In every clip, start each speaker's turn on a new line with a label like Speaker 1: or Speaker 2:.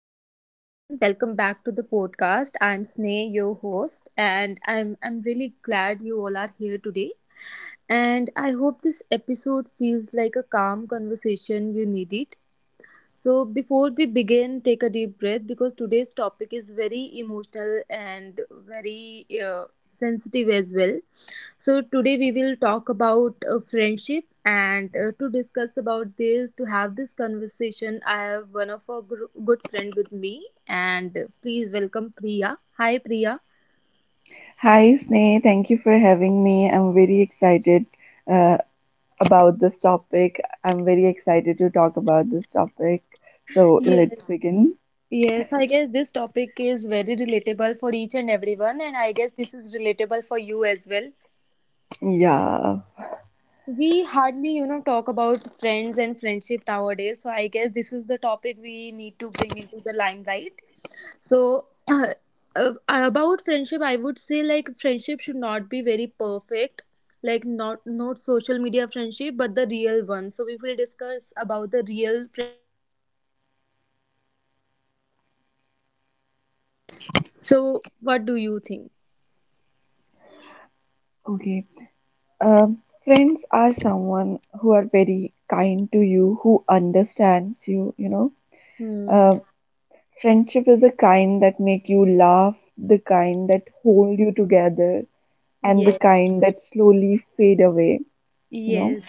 Speaker 1: Hello everyone, welcome back to the podcast. I'm Sneh, your host, and I'm really glad you all are here today. And I hope this episode feels like a calm conversation you needed. So before we begin, take a deep breath because today's topic is very emotional and very sensitive as well. So today we will talk about friendship and to discuss about this to have this conversation I have one of our good friend with me and please welcome Priya. Hi Priya.
Speaker 2: Hi, Sneh. Thank you for having me. I'm very excited uh, about this topic. I'm very excited to talk about this topic. So
Speaker 1: Yes.
Speaker 2: let's begin.
Speaker 1: Yes, I guess this topic is very relatable for each and everyone, and I guess this is relatable for you as well.
Speaker 2: Yeah.
Speaker 1: We hardly talk about friends and friendship nowadays, so I guess this is the topic we need to bring into the limelight. So uh, about friendship, I would say like friendship should not be very perfect. Like not social media friendship, but the real one. So we will discuss about the real. So, what do you think?
Speaker 2: Okay. Um, Friends are someone who are very kind to you, who understands you, you know.
Speaker 1: Hmm.
Speaker 2: Uh, Friendship is the kind that make you laugh, the kind that hold you together, and the
Speaker 1: Yes.
Speaker 2: kind that slowly fade away, you know.
Speaker 1: Yes.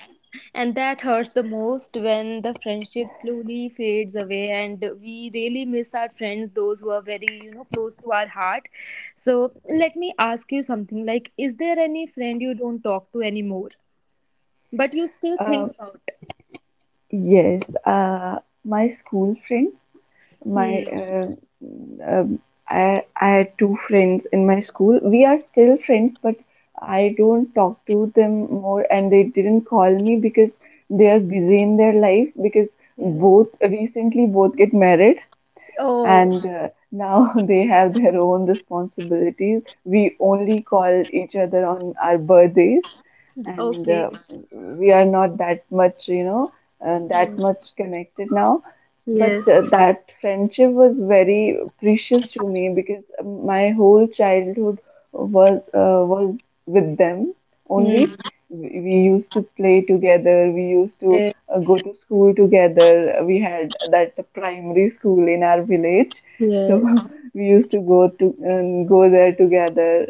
Speaker 1: And that hurts the most when the friendship slowly fades away and we really miss our friends, those who are very, you know, close to our heart. So, let me ask you something like, is there any friend you don't talk to anymore, but you still
Speaker 2: Uh,
Speaker 1: think about?
Speaker 2: Yes, my school friends, my
Speaker 1: Hmm.
Speaker 2: um, I had two friends in my school. We are still friends, but I don't talk to them more, and they didn't call me because they are busy in their life. Because
Speaker 1: Yes.
Speaker 2: both recently both get married,
Speaker 1: Oh,
Speaker 2: and now they have their own responsibilities. We only call each other on our birthdays, and
Speaker 1: okay.
Speaker 2: we are not that much,
Speaker 1: Hmm.
Speaker 2: that much connected now. But
Speaker 1: Yes.
Speaker 2: that friendship was very precious to me because my whole childhood was with them
Speaker 1: Hmm.
Speaker 2: only. We used to play together. We used to
Speaker 1: Yes.
Speaker 2: go to school together. We had that primary school in our village, so
Speaker 1: Yes.
Speaker 2: we used to go there together.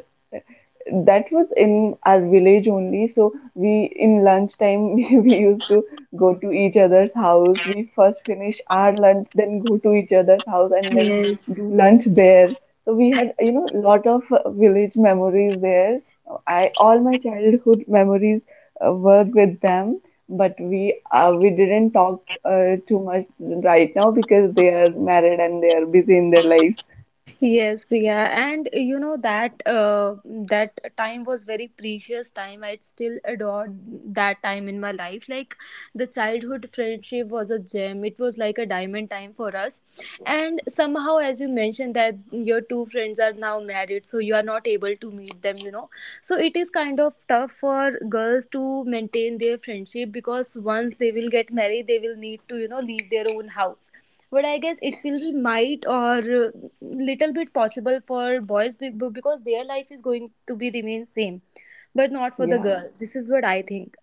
Speaker 2: That was in our village only. So we in lunchtime we used to go to each other's house. We first finish our lunch, then go to each other's house, and then do
Speaker 1: Yes.
Speaker 2: lunch there. So we had lot of village memories there. I all my childhood memories were with them, but we didn't talk too much right now because they are married and they are busy in their lives.
Speaker 1: Yes, Priya, and you know that that time was very precious time. I still adore that time in my life. Like the childhood friendship was a gem. It was like a diamond time for us. And somehow, as you mentioned, that your two friends are now married, so you are not able to meet them. You know, so it is kind of tough for girls to maintain their friendship because once they will get married, they will need to leave their own house. But I guess it will be might or little bit possible for boys because their life is going to be remain same, but not for the
Speaker 2: Yeah,
Speaker 1: girl. This is what I think.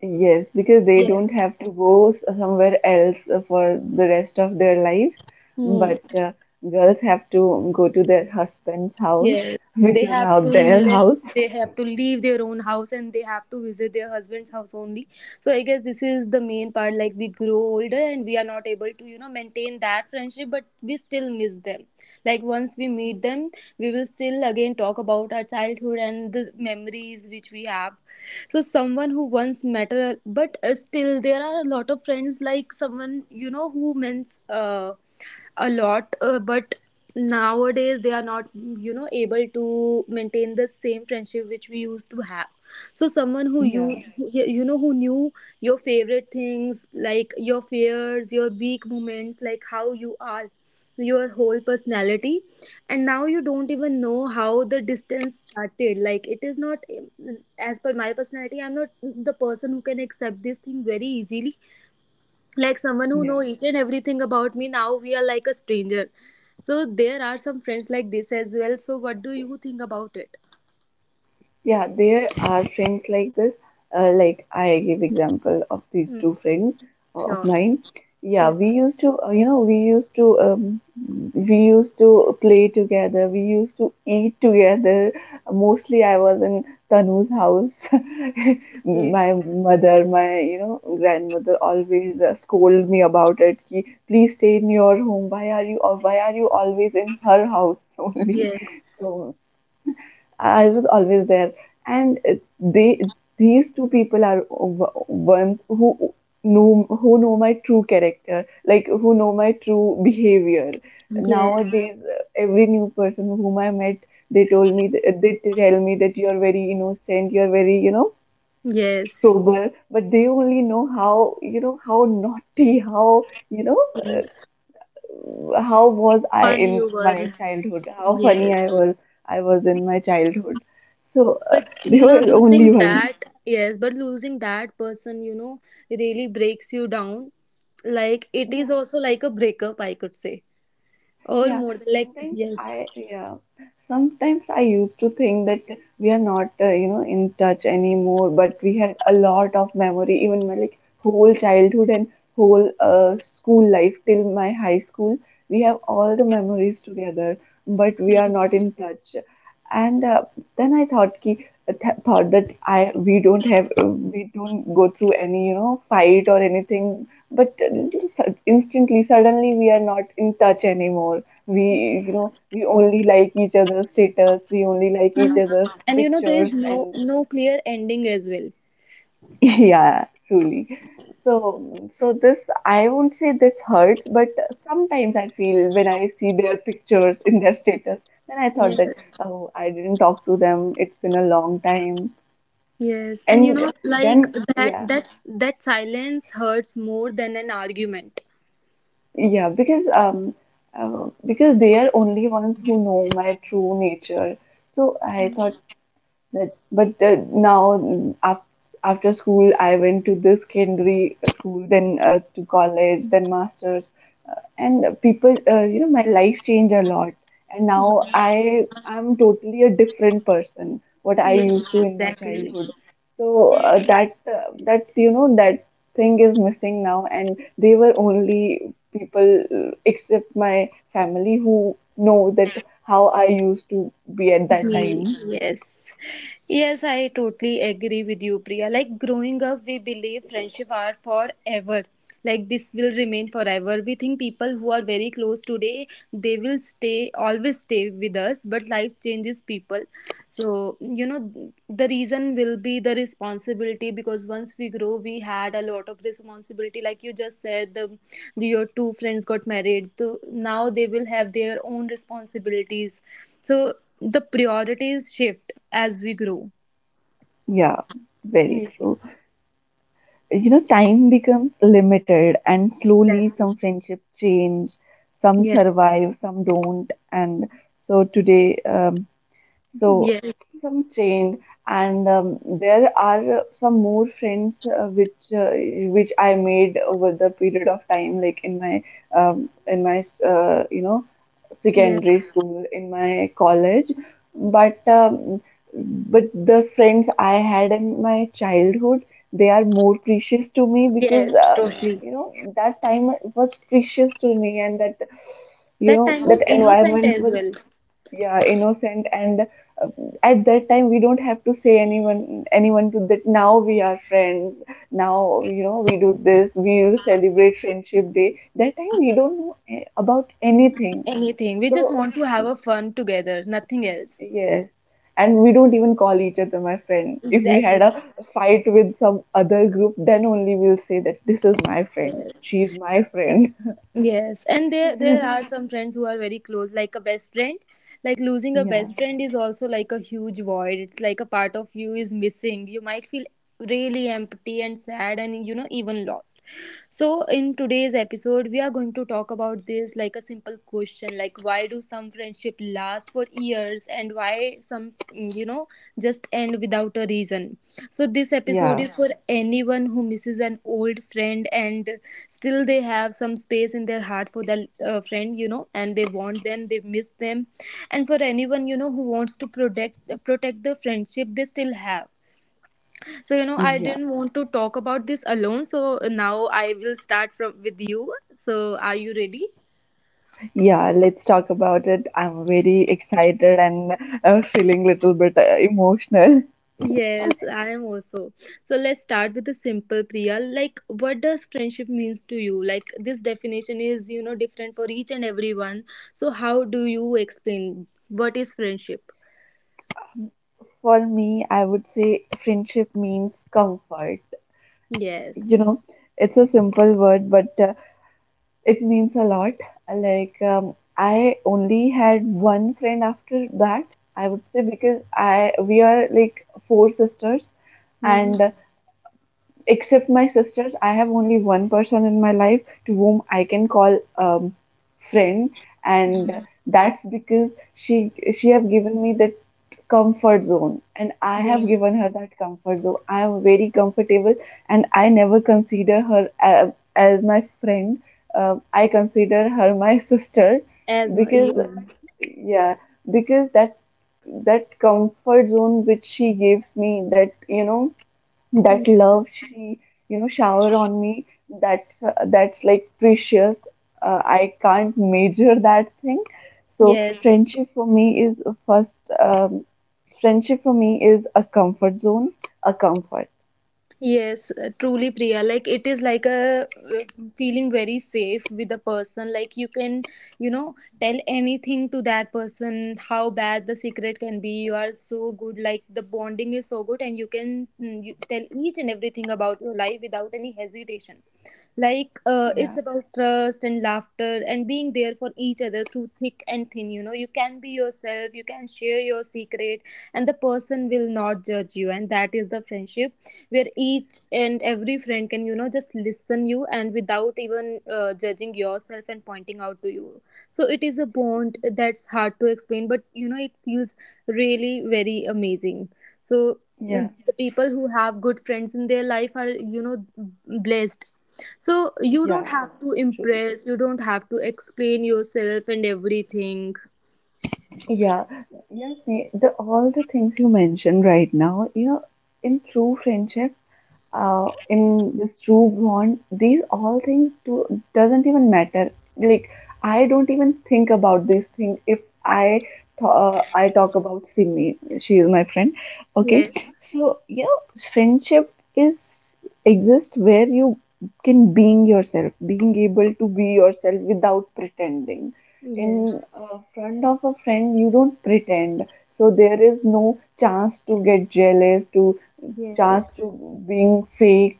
Speaker 2: yes, because they don't
Speaker 1: Yes.
Speaker 2: have to go somewhere else for the rest of their lives.
Speaker 1: Hmm.
Speaker 2: But girls have to go to their husband's house,
Speaker 1: Yes,
Speaker 2: which
Speaker 1: they
Speaker 2: is now
Speaker 1: have to
Speaker 2: their
Speaker 1: live.
Speaker 2: house.
Speaker 1: They have to leave their own house and they have to visit their husband's house only. So I guess this is the main part. Like we grow older and we are not able to, you know, maintain that friendship, but we still miss them. Like once we meet them, we will still again talk about our childhood and the memories which we have. So someone who once matter, but still there are a lot of friends like someone you know who means. A lot but nowadays they are not able to maintain the same friendship which we used to have. So someone who
Speaker 2: Yeah,
Speaker 1: who knew your favorite things, like your fears, your weak moments, like how you are, your whole personality. And now you don't even know how the distance started. Like it is not, as per my personality, I'm not the person who can accept this thing very easily. Like someone who know
Speaker 2: yeah.
Speaker 1: each and everything about me, now we are like a stranger. So there are some friends like this as well. So what do you think about it?
Speaker 2: Yeah, there are friends like this. Like I give example of these
Speaker 1: Mm,
Speaker 2: two friends of
Speaker 1: sure.
Speaker 2: mine. Yeah,
Speaker 1: Yes.
Speaker 2: we used to, we used to, we used to play together. We used to eat together. Mostly, I was in Tanu's house.
Speaker 1: Okay.
Speaker 2: My mother, my grandmother always scold me about it. Ki, please stay in your home. Why are you always in her house only?
Speaker 1: Yes.
Speaker 2: So I was always there, and they, these two people are ones who know, who know my true character, like who know my true behavior.
Speaker 1: Yes.
Speaker 2: Nowadays, every new person whom I met, they told me th- they tell me that you are very innocent, you are very, you know,
Speaker 1: Yes.
Speaker 2: sober, but they only know how, you know, how naughty, how, you know,
Speaker 1: Yes.
Speaker 2: how was I
Speaker 1: Fun
Speaker 2: in
Speaker 1: you
Speaker 2: my
Speaker 1: were.
Speaker 2: childhood? How funny
Speaker 1: Yes.
Speaker 2: I was in my childhood. So
Speaker 1: But
Speaker 2: there was
Speaker 1: losing
Speaker 2: only one.
Speaker 1: that, yes, but losing that person, really breaks you down. Like it is
Speaker 2: Yeah.
Speaker 1: also like a breakup, I could say, or
Speaker 2: Yeah,
Speaker 1: more than- like
Speaker 2: sometimes
Speaker 1: yes.
Speaker 2: I yeah, Sometimes I used to think that we are not in touch anymore, but we had a lot of memory, even my like whole childhood and whole school life till my high school. We have all the memories together, but we are not in touch. And then I thought ki, th thought that I we don't have we don't go through any, you know, fight or anything, but instantly suddenly we are not in touch anymore. We, you know, we only like each other's status, we only like each
Speaker 1: and,
Speaker 2: other's
Speaker 1: and there
Speaker 2: pictures,
Speaker 1: is no
Speaker 2: and
Speaker 1: no clear ending as well.
Speaker 2: yeah, truly. So this, I won't say this hurts, but sometimes I feel when I see their pictures in their status, then I thought
Speaker 1: Yes,
Speaker 2: that oh, I didn't talk to them, it's been a long time.
Speaker 1: yes, and
Speaker 2: and
Speaker 1: like
Speaker 2: then
Speaker 1: that
Speaker 2: yeah
Speaker 1: that that silence hurts more than an argument.
Speaker 2: yeah because they are only ones who know my true nature, so I thought. But now, after, after school, I went to the secondary school, then to college, then masters, and people, my life changed a lot. And now I am totally a different person what I
Speaker 1: Yes,
Speaker 2: used to in my
Speaker 1: exactly.
Speaker 2: childhood. So that's, you know, that thing is missing now, and they were only people except my family who know that how I used to be at that
Speaker 1: Ye-
Speaker 2: time.
Speaker 1: Yes. Yes, I totally agree with you, Priya. Like growing up, we believe friendship are forever. Like this will remain forever. We think people who are very close today, they will stay, always stay with us. But life changes people. So, the reason will be the responsibility because once we grow, we had a lot of responsibility. Like you just said, the your two friends got married. So now they will have their own responsibilities. So the priorities shift as we grow.
Speaker 2: Yeah, very true.
Speaker 1: Yes,
Speaker 2: You know, time becomes limited, and slowly
Speaker 1: exactly.
Speaker 2: some friendship change, some
Speaker 1: Yes,
Speaker 2: survive, some don't. And so today, so
Speaker 1: yes,
Speaker 2: some train, and there are some more friends which I made over the period of time, like in my um, in my uh, you know secondary
Speaker 1: yes.
Speaker 2: school, in my college. But um, but the friends I had in my childhood, they are more precious to me because
Speaker 1: Yes, totally.
Speaker 2: you know that time was precious to me, and that, you
Speaker 1: That
Speaker 2: know,
Speaker 1: time was
Speaker 2: that
Speaker 1: innocent
Speaker 2: environment
Speaker 1: as
Speaker 2: was
Speaker 1: well.
Speaker 2: yeah innocent and uh, at that time we don't have to say anyone to that now we are friends, now you know we do this, we will celebrate friendship day. That time we don't know about
Speaker 1: N-
Speaker 2: anything,
Speaker 1: Anything. We just
Speaker 2: so
Speaker 1: want to have a fun together, nothing else.
Speaker 2: yes. And we don't even call each other my friend. If we
Speaker 1: Exactly.
Speaker 2: had a fight with some other group, then only we'll say that this is my friend,
Speaker 1: Yes.
Speaker 2: she's my friend.
Speaker 1: Yes, and there are some friends who are very close, like a best friend. Like losing a
Speaker 2: yeah
Speaker 1: best friend is also like a huge void. It's like a part of you is missing. You might feel really empty and sad and even lost. So in today's episode we are going to talk about this, like a simple question, like why do some friendship last for years and why some just end without a reason. So this episode
Speaker 2: yeah
Speaker 1: is for anyone who misses an old friend and still they have some space in their heart for that friend, and they want them, they miss them. And for anyone who wants to protect the friendship they still have. So I
Speaker 2: yeah.
Speaker 1: didn't want to talk about this alone. So now I will start from with you. So are you ready?
Speaker 2: Yeah, let's talk about it. I'm very excited and feeling little bit emotional.
Speaker 1: Yes, I am also. So let's start with the simple, Priya. Like what does friendship means to you? Like this definition is, different for each and everyone. So how do you explain what is friendship?
Speaker 2: For me, I would say friendship means comfort.
Speaker 1: Yes.
Speaker 2: You know, it's a simple word, but it means a lot. Like, I only had one friend after that, I would say, because I we are like four sisters,
Speaker 1: Hmm.
Speaker 2: and except my sisters, I have only one person in my life to whom I can call friend, and that's because she have given me that comfort zone, and I have
Speaker 1: Yes,
Speaker 2: given her that comfort zone. I am very comfortable, and I never consider her as my friend. I consider her my sister
Speaker 1: you.
Speaker 2: because yeah, because that, that comfort zone which she gives me, that, you know,
Speaker 1: Mm.
Speaker 2: that love she, you know, showered on me, that's like precious. I can't measure that thing. so
Speaker 1: Yes,
Speaker 2: friendship for me is a first um, friendship for me is a comfort zone, a comfort.
Speaker 1: yes, truly, Priya. Like it is like a uh, feeling very safe with a person. Like you can, you know, tell anything to that person, how bad the secret can be. You are so good. Like the bonding is so good, and you tell each and everything about your life without any hesitation. Like it's
Speaker 2: yeah
Speaker 1: about trust and laughter and being there for each other through thick and thin. You can be yourself, you can share your secret, and the person will not judge you. And that is the friendship where each and every friend can just listen you, and without even judging yourself and pointing out to you. So it is a bond that's hard to explain, but it feels really very amazing. So
Speaker 2: yeah
Speaker 1: the people who have good friends in their life are, blessed. So you don't
Speaker 2: yeah
Speaker 1: have to
Speaker 2: truly.
Speaker 1: impress, you don't have to explain yourself and everything.
Speaker 2: Yeah, yeah, see the all the things you mentioned right now, you know, in true friendship, in this true bond, these all doesn't even matter. Like, I don't even think about these things. If i th- uh, i talk about Simi, she is my friend, okay.
Speaker 1: Yes.
Speaker 2: So you know friendship is, exists where you can being able to be yourself without pretending, in
Speaker 1: Yes.
Speaker 2: front of a friend you don't pretend. So there is no chance to get jealous, to chance
Speaker 1: Yes.
Speaker 2: to being fake.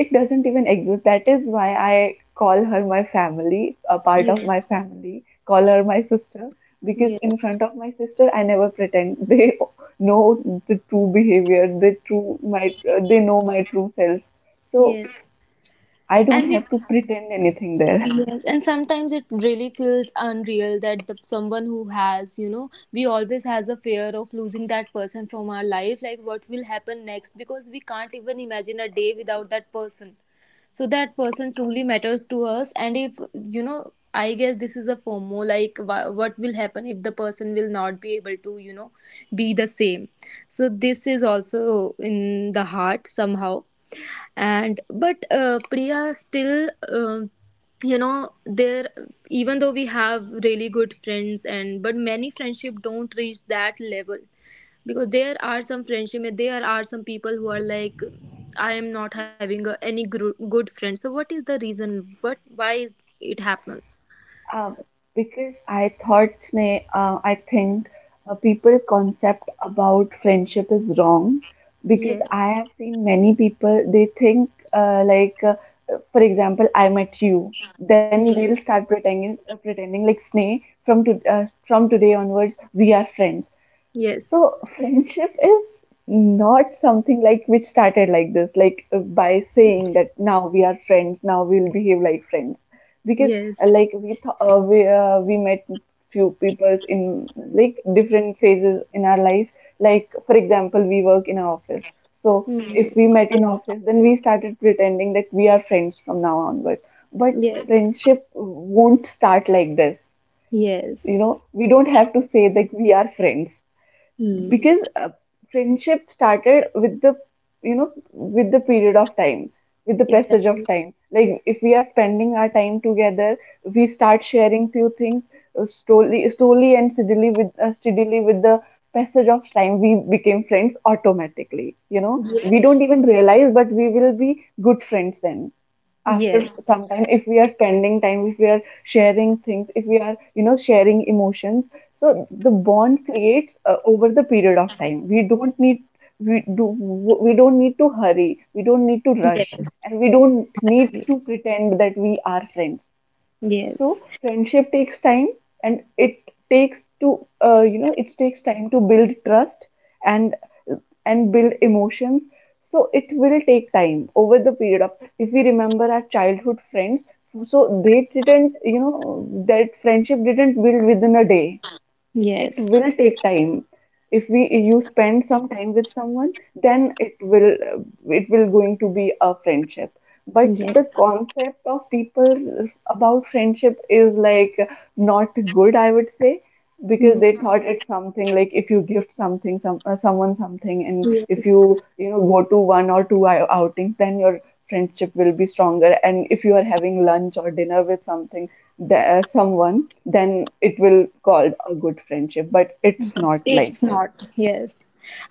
Speaker 2: It doesn't even exist. That is why I call her my family, a part of
Speaker 1: Yes.
Speaker 2: my family, call her my sister, because
Speaker 1: Yes.
Speaker 2: in front of my sister, I never pretend. They know the true behavior, the they know my true self. So
Speaker 1: Yes.
Speaker 2: I don't
Speaker 1: And it
Speaker 2: have to pretend anything there.
Speaker 1: Yes, and sometimes it really feels unreal that the someone who has, we always has a fear of losing that person from our life, like what will happen next, because we can't even imagine a day without that person. So that person truly matters to us. And if, I guess this is a fomo, like what will happen if the person will not be able to be the same. So this is also in the heart somehow. And but Priya, still there, even though we have really good friends, and but many friendship don't reach that level. Because there are some people who are like, I am not having any good friend. So what is the reason? What Why is it happens?
Speaker 2: Um, because I thought, ne, I think people concept about friendship is wrong, because
Speaker 1: Yes.
Speaker 2: I have seen many people, they think, uh, like, uh, for example, I met you, then they'll
Speaker 1: Yes.
Speaker 2: start pretending like Sneh, from today onwards, we are friends.
Speaker 1: Yes.
Speaker 2: So friendship is not something like which started like this, like by saying that now we are friends, now we'll behave like friends, because
Speaker 1: Yes.
Speaker 2: like we th- we met few people in like different phases in our life. Like for example, we work in our office, so
Speaker 1: Hmm.
Speaker 2: if we met in office, then we started pretending that we are friends from now onward. But
Speaker 1: Yes.
Speaker 2: friendship won't start like this, you
Speaker 1: Yes.
Speaker 2: know. We don't have to say that we are friends
Speaker 1: Hmm.
Speaker 2: because friendship started with the, you know, with the period of time, with the passage of
Speaker 1: Exactly.
Speaker 2: time. Like if we are spending our time together, we start sharing few things slowly and steadily with the passage of time we became friends automatically, you know, we don't
Speaker 1: Yes.
Speaker 2: even realize, but we will be good friends then. After
Speaker 1: Yes.
Speaker 2: some time, if we are spending time, if we are sharing things, if we are, you know, sharing emotions, so the bond creates over the period of time. We do we don't need to hurry, we don't need to
Speaker 1: Yes.
Speaker 2: rush, and we don't
Speaker 1: Yes.
Speaker 2: need to pretend that we are friends. So
Speaker 1: Yes.
Speaker 2: friendship takes time, and it takes to you know, it takes time to build trust and and build emotions. So it will take time over the period of if we remember our childhood friends, they didn't that friendship didn't build within a day. It
Speaker 1: Yes.
Speaker 2: will take time. If we you spend some time with someone, then it will going to be a friendship. But the concept of people about friendship is like not good, I would say,
Speaker 1: Hmm.
Speaker 2: because they thought it's something like if you gift something someone something, and if you
Speaker 1: Yes.
Speaker 2: you know go to one or two outings, then your friendship will be stronger. And if you are having lunch or dinner with someone, then it will called a good friendship. But it's not like
Speaker 1: It's
Speaker 2: this.
Speaker 1: not, yes.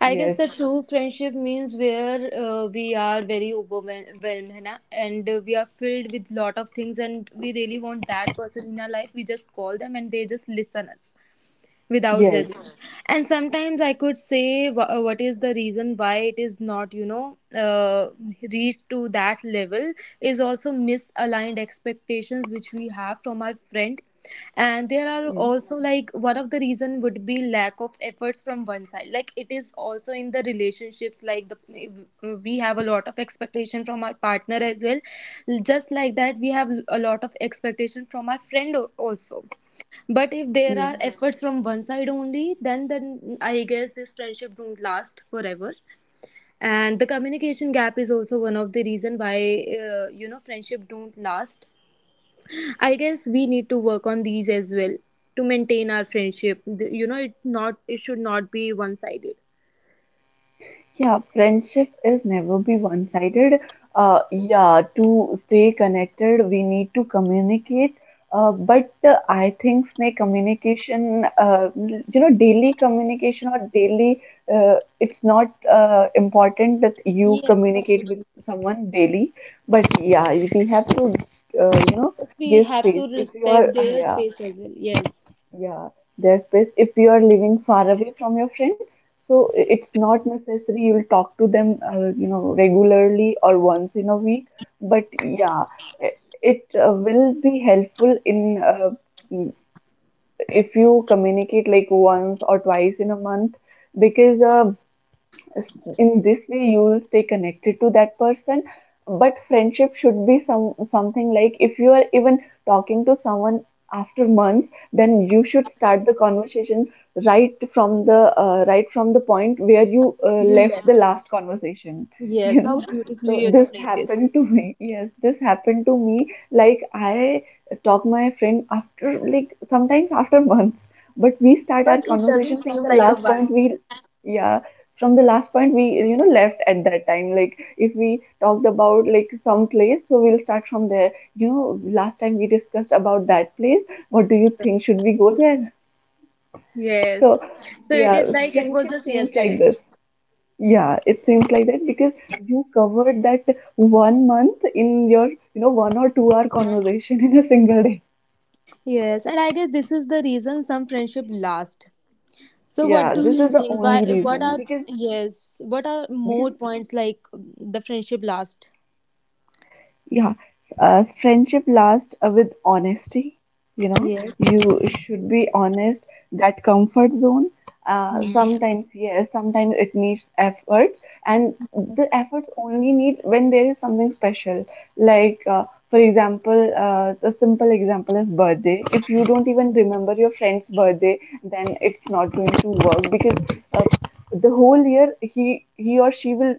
Speaker 1: I guess
Speaker 2: Yes,
Speaker 1: the true friendship means where we are very overwhelmed है ना? And we are filled with lot of things, and we really want that person in our life. We just call them and they just listen us without
Speaker 2: yes,
Speaker 1: judging. And sometimes I could say what is the reason why it is not reached to that level. Is also misaligned expectations which we have from our friend. And there are
Speaker 2: yeah,
Speaker 1: also, like, one of the reason would be lack of efforts from one side, like it is also in the relationships like the, we have a lot of expectation from our partner as well. Just like that, we have a lot of expectation from our friend also. But if there
Speaker 2: yeah.
Speaker 1: are efforts from one side only, then I guess this friendship don't last forever. And the communication gap is also one of the reason why friendship don't last. I guess we need to work on these as well to maintain our friendship. The- You know, it not it should not be one sided.
Speaker 2: Yeah, friendship is never be one-sided. Yeah, to stay connected, we need to communicate. But I think snake communication, daily communication or it's not important that you
Speaker 1: Yes, of
Speaker 2: communicate with someone daily. But yeah, we have to, uh, you know,
Speaker 1: course, we
Speaker 2: give
Speaker 1: have
Speaker 2: space.
Speaker 1: to
Speaker 2: If you are,
Speaker 1: respect their
Speaker 2: yeah,
Speaker 1: space as well. Yes,
Speaker 2: yeah, there's best if you are living far away from your friend, so it's not necessary you'll talk to them, regularly or once in a week. But yeah, i- it will be helpful mm, if you communicate like once or twice in a month, because in this way you will stay connected to that person. But friendship should be some something like if you are even talking to someone after months, then you should start the conversation right from the point where you
Speaker 1: you
Speaker 2: left the
Speaker 1: left.
Speaker 2: last conversation
Speaker 1: Yes,
Speaker 2: you
Speaker 1: how
Speaker 2: know. So
Speaker 1: beautifully you
Speaker 2: this
Speaker 1: explained this.
Speaker 2: happened to me. Yes, this happened to me. Like I talk my friend after like sometimes after months, but we start our
Speaker 1: But it doesn't
Speaker 2: conversation from
Speaker 1: seem
Speaker 2: the
Speaker 1: like a
Speaker 2: last point
Speaker 1: one.
Speaker 2: we yeah from the last point we, you know, left at that time. Like if we talked about like some place, so we'll start from there. You know, last time we discussed about that place, what do you think, should we go there? So
Speaker 1: Yes. So it
Speaker 2: yeah,
Speaker 1: is like it was
Speaker 2: friendship
Speaker 1: just
Speaker 2: seems like
Speaker 1: yesterday.
Speaker 2: this. Yeah, it seems like that because you covered that 1 month in your, you know, 1 or 2 hour conversation in a single day.
Speaker 1: Yes, and I guess this is the reason some friendship last. So what
Speaker 2: Yeah,
Speaker 1: do
Speaker 2: this is
Speaker 1: you
Speaker 2: the
Speaker 1: think? Why?
Speaker 2: only
Speaker 1: What
Speaker 2: reason,
Speaker 1: are
Speaker 2: because
Speaker 1: yes? What are
Speaker 2: because
Speaker 1: more points like the friendship last?
Speaker 2: yeah friendship lasts with honesty, you know.
Speaker 1: Yes.
Speaker 2: You should be honest. That comfort zone,
Speaker 1: Mhm.
Speaker 2: sometimes, yes, sometimes it needs effort. And the efforts only need when there is something special. Like for example, the simple example is birthday. If you don't even remember your friend's birthday, then it's not going to work, because uh, the whole year he or she will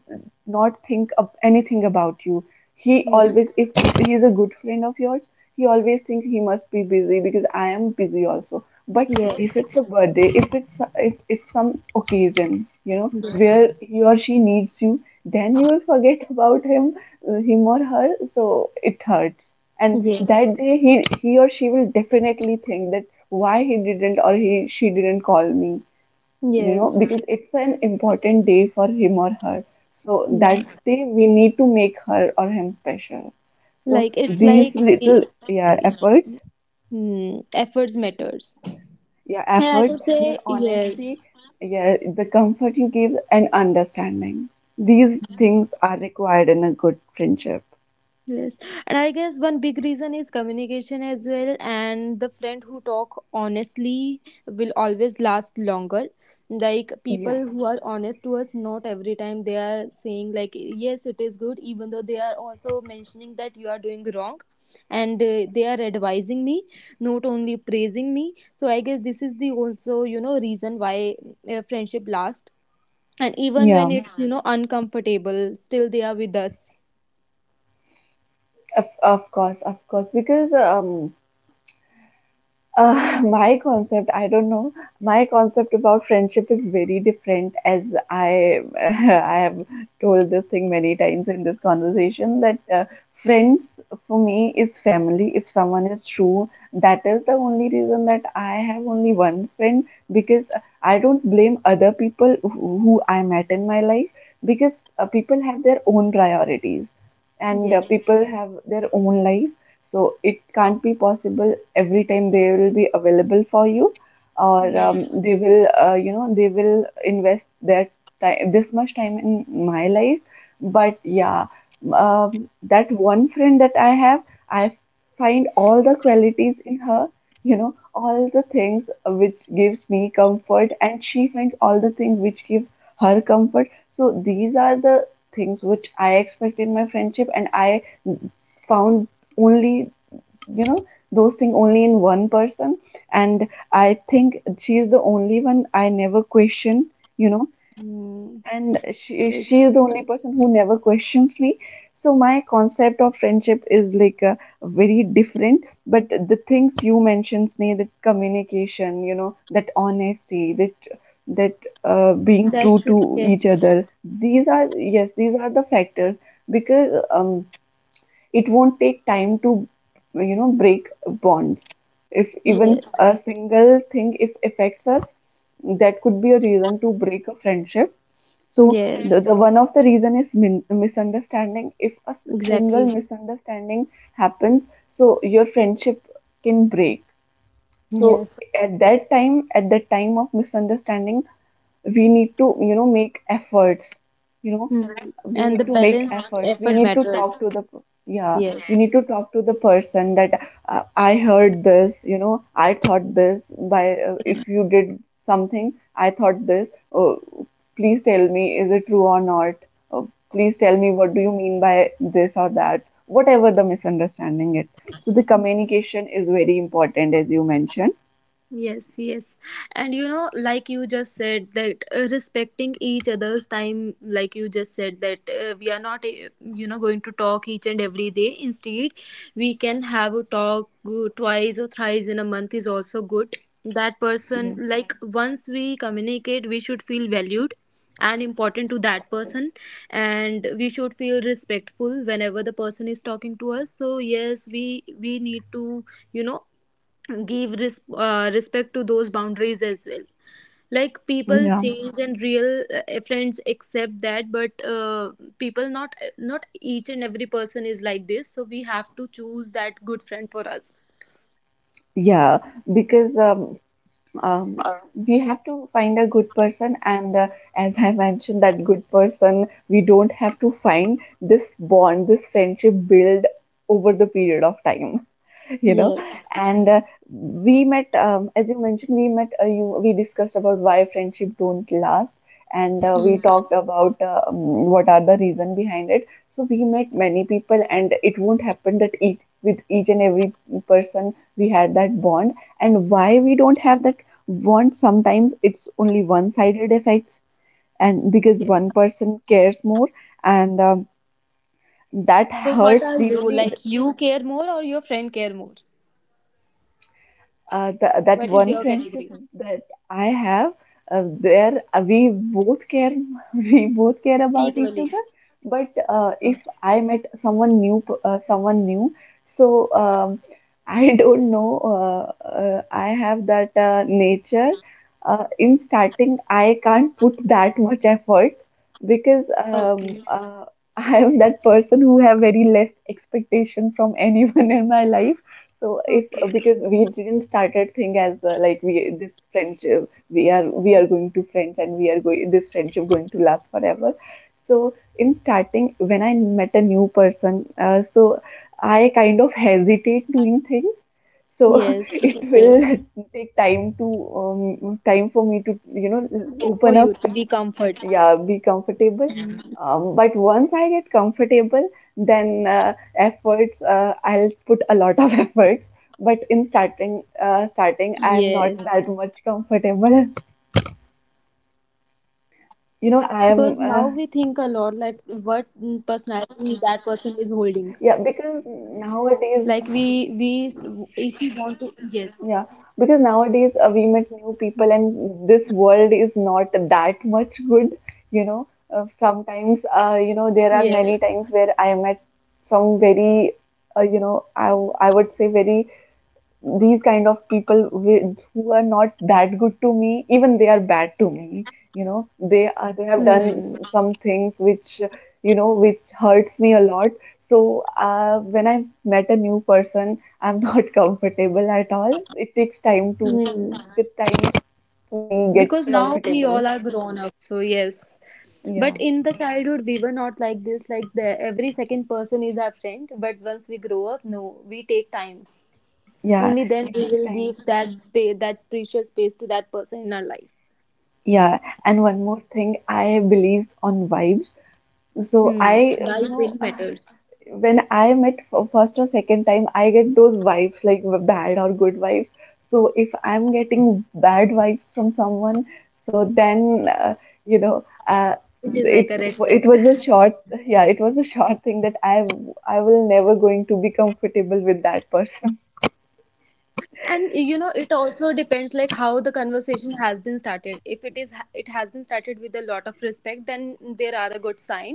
Speaker 2: not think of anything about you. He
Speaker 1: Yes.
Speaker 2: always, if he is a good friend of yours, he always thinks he must be busy because I am busy also. But
Speaker 1: Yes.
Speaker 2: if it's a birthday, if it's some occasion, you know,
Speaker 1: Yes.
Speaker 2: where he or she needs you, then you will forget about him, him or her. So it hurts. And that
Speaker 1: Yes.
Speaker 2: day, he or she will definitely think that why he didn't, or he she didn't call me, you know,
Speaker 1: Yes.
Speaker 2: because it's an important day for him or her. So that
Speaker 1: Mhm.
Speaker 2: day we need to make her or him special. So
Speaker 1: Like it's
Speaker 2: these
Speaker 1: like
Speaker 2: little, yeah, efforts.
Speaker 1: efforts matters.
Speaker 2: Yeah,
Speaker 1: And I
Speaker 2: efforts,
Speaker 1: could
Speaker 2: your
Speaker 1: say
Speaker 2: honesty,
Speaker 1: yes.
Speaker 2: yeah, the comfort you give, and understanding. These things are required in a good friendship.
Speaker 1: Yes, and I guess one big reason is communication as well, and the friend who talk honestly will always last longer. Like
Speaker 2: Yeah,
Speaker 1: people who are honest to us, not every time they are saying like yes, it is good, even though they are also mentioning that you are doing wrong, and they are advising me, not only praising me. So I guess this is the also reason why friendship lasts, and even when
Speaker 2: yeah,
Speaker 1: it's uncomfortable, still they are with us.
Speaker 2: of course, because my concept, I don't know. My concept about friendship is very different, as I I have told this thing many times in this conversation that friends for me is family. If someone is true, that is the only reason that I have only one friend, because I don't blame other people who I met in my life, because people have their own priorities, and
Speaker 1: Yes.
Speaker 2: people have their own life. So it can't be possible every time they will be available for you, or they will they will invest their time this much time in my life. But yeah, that one friend that I have, I find all the qualities in her, you know, all the things which gives me comfort, and she finds all the things which give her comfort. So these are the things which I expect in my friendship, and I found only, you know, those things only in one person. And I think she is the only one I never question, you know.
Speaker 1: Mm,
Speaker 2: And she
Speaker 1: yes,
Speaker 2: is the only person who never questions me. So my concept of friendship is like very different. But the things you mentioned, Sneh, that communication, you know, that honesty, that being
Speaker 1: that
Speaker 2: true
Speaker 1: should
Speaker 2: to
Speaker 1: get
Speaker 2: each other, these are yes these are the factors. Because it won't take time to, you know, break bonds if even
Speaker 1: yes,
Speaker 2: a single thing if affects us, that could be a reason to break a friendship. So
Speaker 1: yes,
Speaker 2: the one of the reason is misunderstanding. If a single
Speaker 1: exactly.
Speaker 2: misunderstanding happens, so your friendship can break. So
Speaker 1: Yes,
Speaker 2: at that time, at the time of misunderstanding, we need to, you know, make efforts. You know,
Speaker 1: mm.
Speaker 2: we
Speaker 1: And
Speaker 2: need
Speaker 1: the
Speaker 2: to make
Speaker 1: balanced
Speaker 2: efforts. We
Speaker 1: effort
Speaker 2: need to
Speaker 1: matters.
Speaker 2: talk to the yeah we
Speaker 1: Yes,
Speaker 2: need to talk to the person that, I heard this, you know, I thought this by, if you did something, I thought this. Oh, please tell me, is it true or not? Oh, please tell me, what do you mean by this or that, whatever the misunderstanding is? So the communication is very important, as you mentioned.
Speaker 1: yes, yes. And like you just said, that respecting each other's time, like you just said, that we are not, going to talk each and every day. Instead, we can have a talk twice or thrice in a month is also good. That person,
Speaker 2: yeah
Speaker 1: like, once we communicate, we should feel valued and important to that person, and we should feel respectful whenever the person is talking to us. So yes, we need to you know give respect to those boundaries as well. Like people
Speaker 2: yeah
Speaker 1: change and real friends accept that, but people not each and every person is like this, so we have to choose that good friend for us.
Speaker 2: yeah Because um, we have to find a good person, and as I mentioned, that good person, we don't have to find. This bond, this friendship build over the period of time, you know.
Speaker 1: Yes.
Speaker 2: And we met as you mentioned, we met you, we discussed about why friendship don't last, and we
Speaker 1: Yes,
Speaker 2: talked about what are the reason behind it. So we met many people, and it won't happen that each and every person we had that bond. And why we don't have that bond? Sometimes it's only one sided effects, and because
Speaker 1: yes.
Speaker 2: one person cares more. And that
Speaker 1: So what
Speaker 2: hurts
Speaker 1: are you,
Speaker 2: deeply.
Speaker 1: like, you care more or your friend care more?
Speaker 2: That
Speaker 1: What is
Speaker 2: one
Speaker 1: your
Speaker 2: friendship
Speaker 1: category?
Speaker 2: that I have, where we both care, we both care about each
Speaker 1: Equally.
Speaker 2: other. But
Speaker 1: Uh,
Speaker 2: if I met someone new, so I don't know. I have that nature. In starting, I can't put that much effort, because
Speaker 1: okay,
Speaker 2: I am that person who have very less expectation from anyone in my life. So if,
Speaker 1: okay,
Speaker 2: because we didn't started thing as, like we, this friendship, we are, we are going to friends, and we are going, this friendship going to last forever. So in starting, when I met a new person, so I kind of hesitate doing things. So
Speaker 1: yes,
Speaker 2: it
Speaker 1: okay.
Speaker 2: will take time to, time for me to, you
Speaker 1: For
Speaker 2: know,
Speaker 1: you to be
Speaker 2: open up.
Speaker 1: comfort.
Speaker 2: Yeah, be comfortable. But once I get comfortable, then efforts, I'll put a lot of efforts. But in
Speaker 1: Yes,
Speaker 2: starting, starting, I'm not that much comfortable,
Speaker 1: because now we think a lot like what
Speaker 2: you know. I'm
Speaker 1: personality that person is holding. Like we,
Speaker 2: Yeah, because
Speaker 1: if we want to
Speaker 2: nowadays,
Speaker 1: yes.
Speaker 2: yeah, because nowadays, we meet new people, and this world is not that much good, you know.
Speaker 1: Yes.
Speaker 2: Sometimes, you know, there are many times where I met some very, you know, I would say very these kind of people who are not that good to me, even they are bad to me, you know. They
Speaker 1: Hmm.
Speaker 2: have done some things which, you know, which hurts me a lot. So when I met a new person, I'm not comfortable at all. It takes time to
Speaker 1: Hmm.
Speaker 2: take time me get
Speaker 1: Because now we all
Speaker 2: comfortable.
Speaker 1: are grown up, so yes. But
Speaker 2: Yeah,
Speaker 1: in the childhood, we were not like this. Like the every second person is our friend. But once we grow up, no, we take time.
Speaker 2: yeah,
Speaker 1: Only then
Speaker 2: it
Speaker 1: we
Speaker 2: takes
Speaker 1: will
Speaker 2: time.
Speaker 1: give that space, that precious space to that person in our life.
Speaker 2: Yeah. And one more thing, I believe on vibes. So
Speaker 1: Hmm.
Speaker 2: I you
Speaker 1: Life
Speaker 2: know,
Speaker 1: really matters.
Speaker 2: when I met for first or second time, I get those vibes like bad or good vibes. So if I'm getting bad vibes from someone, so then you know it
Speaker 1: It is
Speaker 2: it
Speaker 1: like a
Speaker 2: was
Speaker 1: red
Speaker 2: a short,
Speaker 1: flag.
Speaker 2: yeah, it was a short thing that I will never going to be comfortable with that person.
Speaker 1: And it also depends, like how the conversation has been started. If it has been started with a lot of respect, then there a good sign.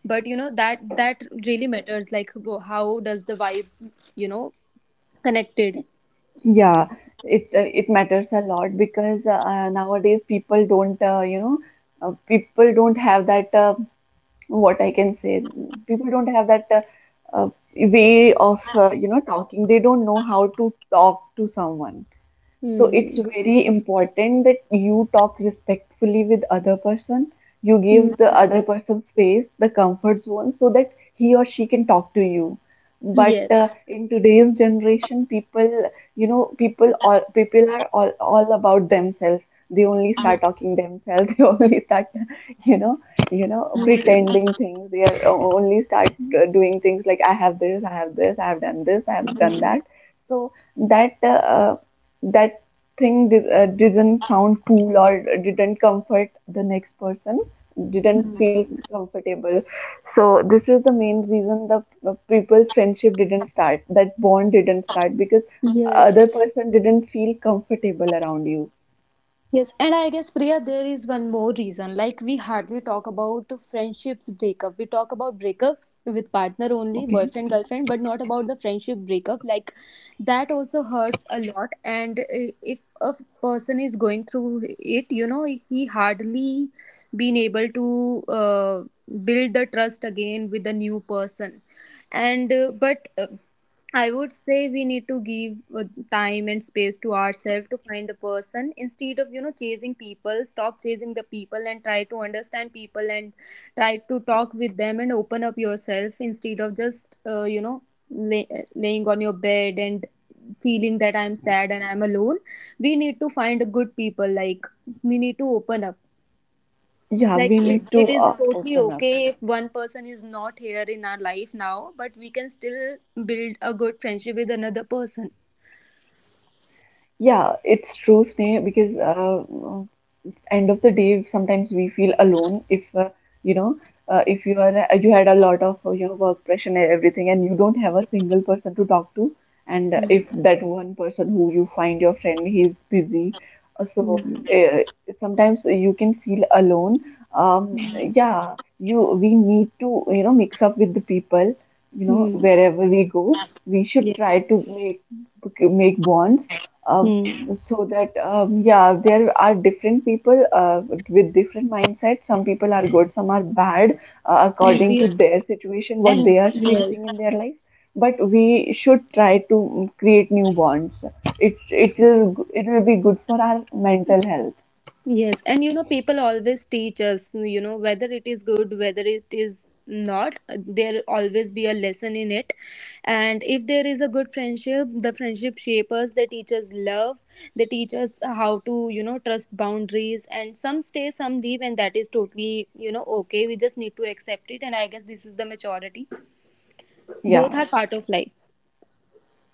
Speaker 1: But that really matters, like how does the vibe you know connected.
Speaker 2: Yeah, it matters a lot, because nowadays people don't, people don't have that what I can say. People don't have that way of, you know, talking. They don't know how to talk to someone. So it's
Speaker 1: Hmm.
Speaker 2: very important that you talk respectfully with other person. You give
Speaker 1: Hmm.
Speaker 2: the other person space, the comfort zone, so that he or she can talk to you. But
Speaker 1: Yes.
Speaker 2: in today's generation, people, you know, people all people are all about themselves. They only
Speaker 1: Hmm.
Speaker 2: start talking themselves they only start, you know, you know,
Speaker 1: Hmm.
Speaker 2: pretending things. They are only start doing things like I have this, I have this, I have done this, I have done
Speaker 1: Hmm.
Speaker 2: that. So that that thing didn't sound cool or didn't comfort the next person. Didn't feel comfortable. So this is the main reason the people's friendship didn't start, that bond didn't start, because
Speaker 1: Yes.
Speaker 2: other person didn't feel comfortable around you.
Speaker 1: Yes, and I guess Priya, there is one more reason. Like we hardly talk about friendships breakup. We talk about breakups with partner only,
Speaker 2: Okay,
Speaker 1: boyfriend, girlfriend, but not about the friendship breakup. Like that also hurts a lot. And if a person is going through it, he hardly been able to build the trust again with a new person, and but I would say we need to give time and space to ourselves to find a person instead of chasing people. Stop chasing the people and try to understand people and try to talk with them and open up yourself instead of just laying on your bed and feeling that I'm sad and I'm alone. We need to find good people. Like we need to open up.
Speaker 2: yeah, we
Speaker 1: Like it,
Speaker 2: need to,
Speaker 1: it is totally
Speaker 2: open up.
Speaker 1: okay if one person is not here in our life now, but we can still build a good friendship with another person.
Speaker 2: Yeah, it's true, Sneh, because end of the day, sometimes we feel alone if you know, if you are, you had a lot of, you know, work pressure and everything, and you don't have a single person to talk to. And if
Speaker 1: Hmm.
Speaker 2: that one person who you find your friend, he's busy, so
Speaker 1: Hmm.
Speaker 2: uh, sometimes you can feel alone. um,
Speaker 1: Hmm.
Speaker 2: yeah, you we need to, you know, mix up with the people, you know,
Speaker 1: Hmm.
Speaker 2: wherever we go, we should
Speaker 1: Yeah.
Speaker 2: try to make make bonds. uh,
Speaker 1: Hmm.
Speaker 2: so that, yeah, there are different people, with different mindsets. Some people are good, some are bad,
Speaker 1: And
Speaker 2: according
Speaker 1: we
Speaker 2: to their situation what
Speaker 1: and
Speaker 2: they are
Speaker 1: yes,
Speaker 2: facing in their life. But we should try to, create new bonds. It will, it will be good for our mental health.
Speaker 1: yes, and people always teach us, whether it is good, whether it is not, there always be a lesson in it. And if there is a good friendship, the friendship shapers, they teach us love, they teach us how to, trust boundaries, and some stay, some leave, and that is totally, okay. We just need to accept it, and I guess this is the maturity. Both
Speaker 2: Yeah,
Speaker 1: are part of life.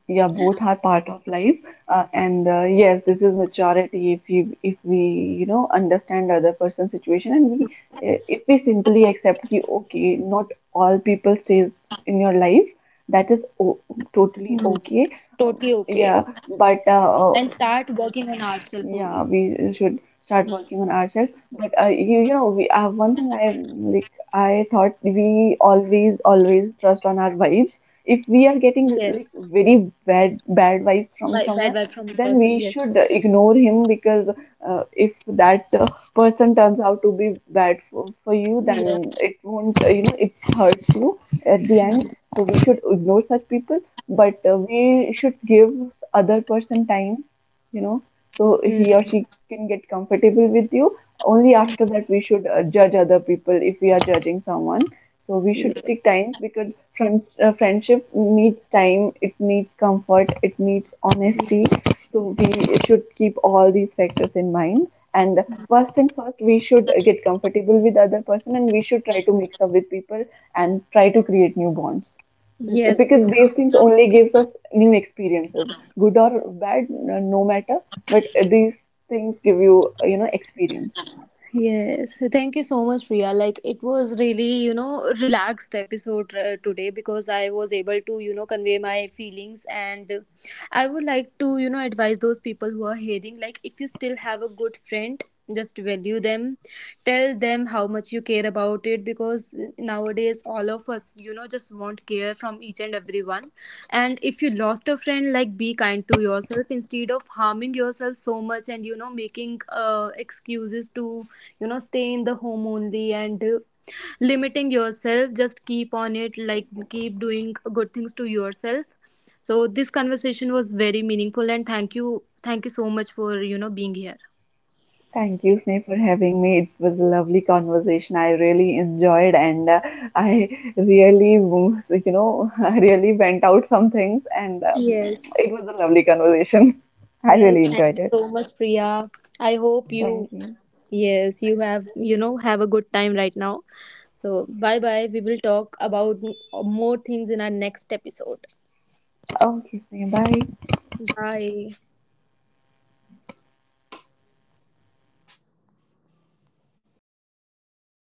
Speaker 2: yeah, both are part of life. And Yes, this is maturity. If you, if we, you know, understand other person's situation, and we, if we simply accept ki, okay, not all people stays in your life, that is
Speaker 1: Mhm.
Speaker 2: totally
Speaker 1: Totally
Speaker 2: okay.
Speaker 1: okay.
Speaker 2: um, yeah.
Speaker 1: And
Speaker 2: But
Speaker 1: start working on ourselves only.
Speaker 2: yeah, we should start working on ourselves. But you, you know, we one thing I like. I thought we always, always trust on our vibes. If we are
Speaker 1: Yes,
Speaker 2: getting like very bad vibes
Speaker 1: by
Speaker 2: from
Speaker 1: bad vibe
Speaker 2: someone,
Speaker 1: from the person.
Speaker 2: then
Speaker 1: Yes.
Speaker 2: we should ignore him, because if that person turns out to be bad for you,
Speaker 1: Yes.
Speaker 2: then it won't, you know, it hurts you at the end. So we should ignore such people. But we should give other person time, you know, so he or she
Speaker 1: Mm.
Speaker 2: can get comfortable with you. Only after that we should, judge other people. If we are judging someone, so we should
Speaker 1: Yeah.
Speaker 2: take time, because friendship needs time, it needs comfort, it needs honesty. So we should keep all these factors in mind. And first thing first, we should get comfortable with other person, and we should try to mix up with people and try to create new bonds.
Speaker 1: Yes,
Speaker 2: Because
Speaker 1: Priya.
Speaker 2: these things only gives us new experiences, good or bad, no, no matter, but these things give you, you know, experience.
Speaker 1: Yes. Thank you so much, Priya. Like, it was really, relaxed episode today because I was able to, convey my feelings. And I would like to, advise those people who are hearing, like, if you still have a good friend, just value them, tell them how much you care about it, because nowadays all of us just want care from each and everyone. And if you lost a friend, like, be kind to yourself instead of harming yourself so much, and making excuses to stay in the home only, and limiting yourself. Just keep on it, like, keep doing good things to yourself. So this conversation was very meaningful, and thank you, thank you so much for being here.
Speaker 2: Thank you, Sneh, for having me. It was a lovely conversation. I really enjoyed, and I really, you know, I really went out some things. And
Speaker 1: Yes.
Speaker 2: it was a lovely conversation. I
Speaker 1: Yes,
Speaker 2: really
Speaker 1: thank
Speaker 2: enjoyed
Speaker 1: you
Speaker 2: it.
Speaker 1: so much, Priya. I hope
Speaker 2: Thank
Speaker 1: you,
Speaker 2: you.
Speaker 1: yes, you have, you know, have a good time right now. So, bye bye. We will talk about more things in our next episode.
Speaker 2: Okay, Sneh, bye.
Speaker 1: Bye.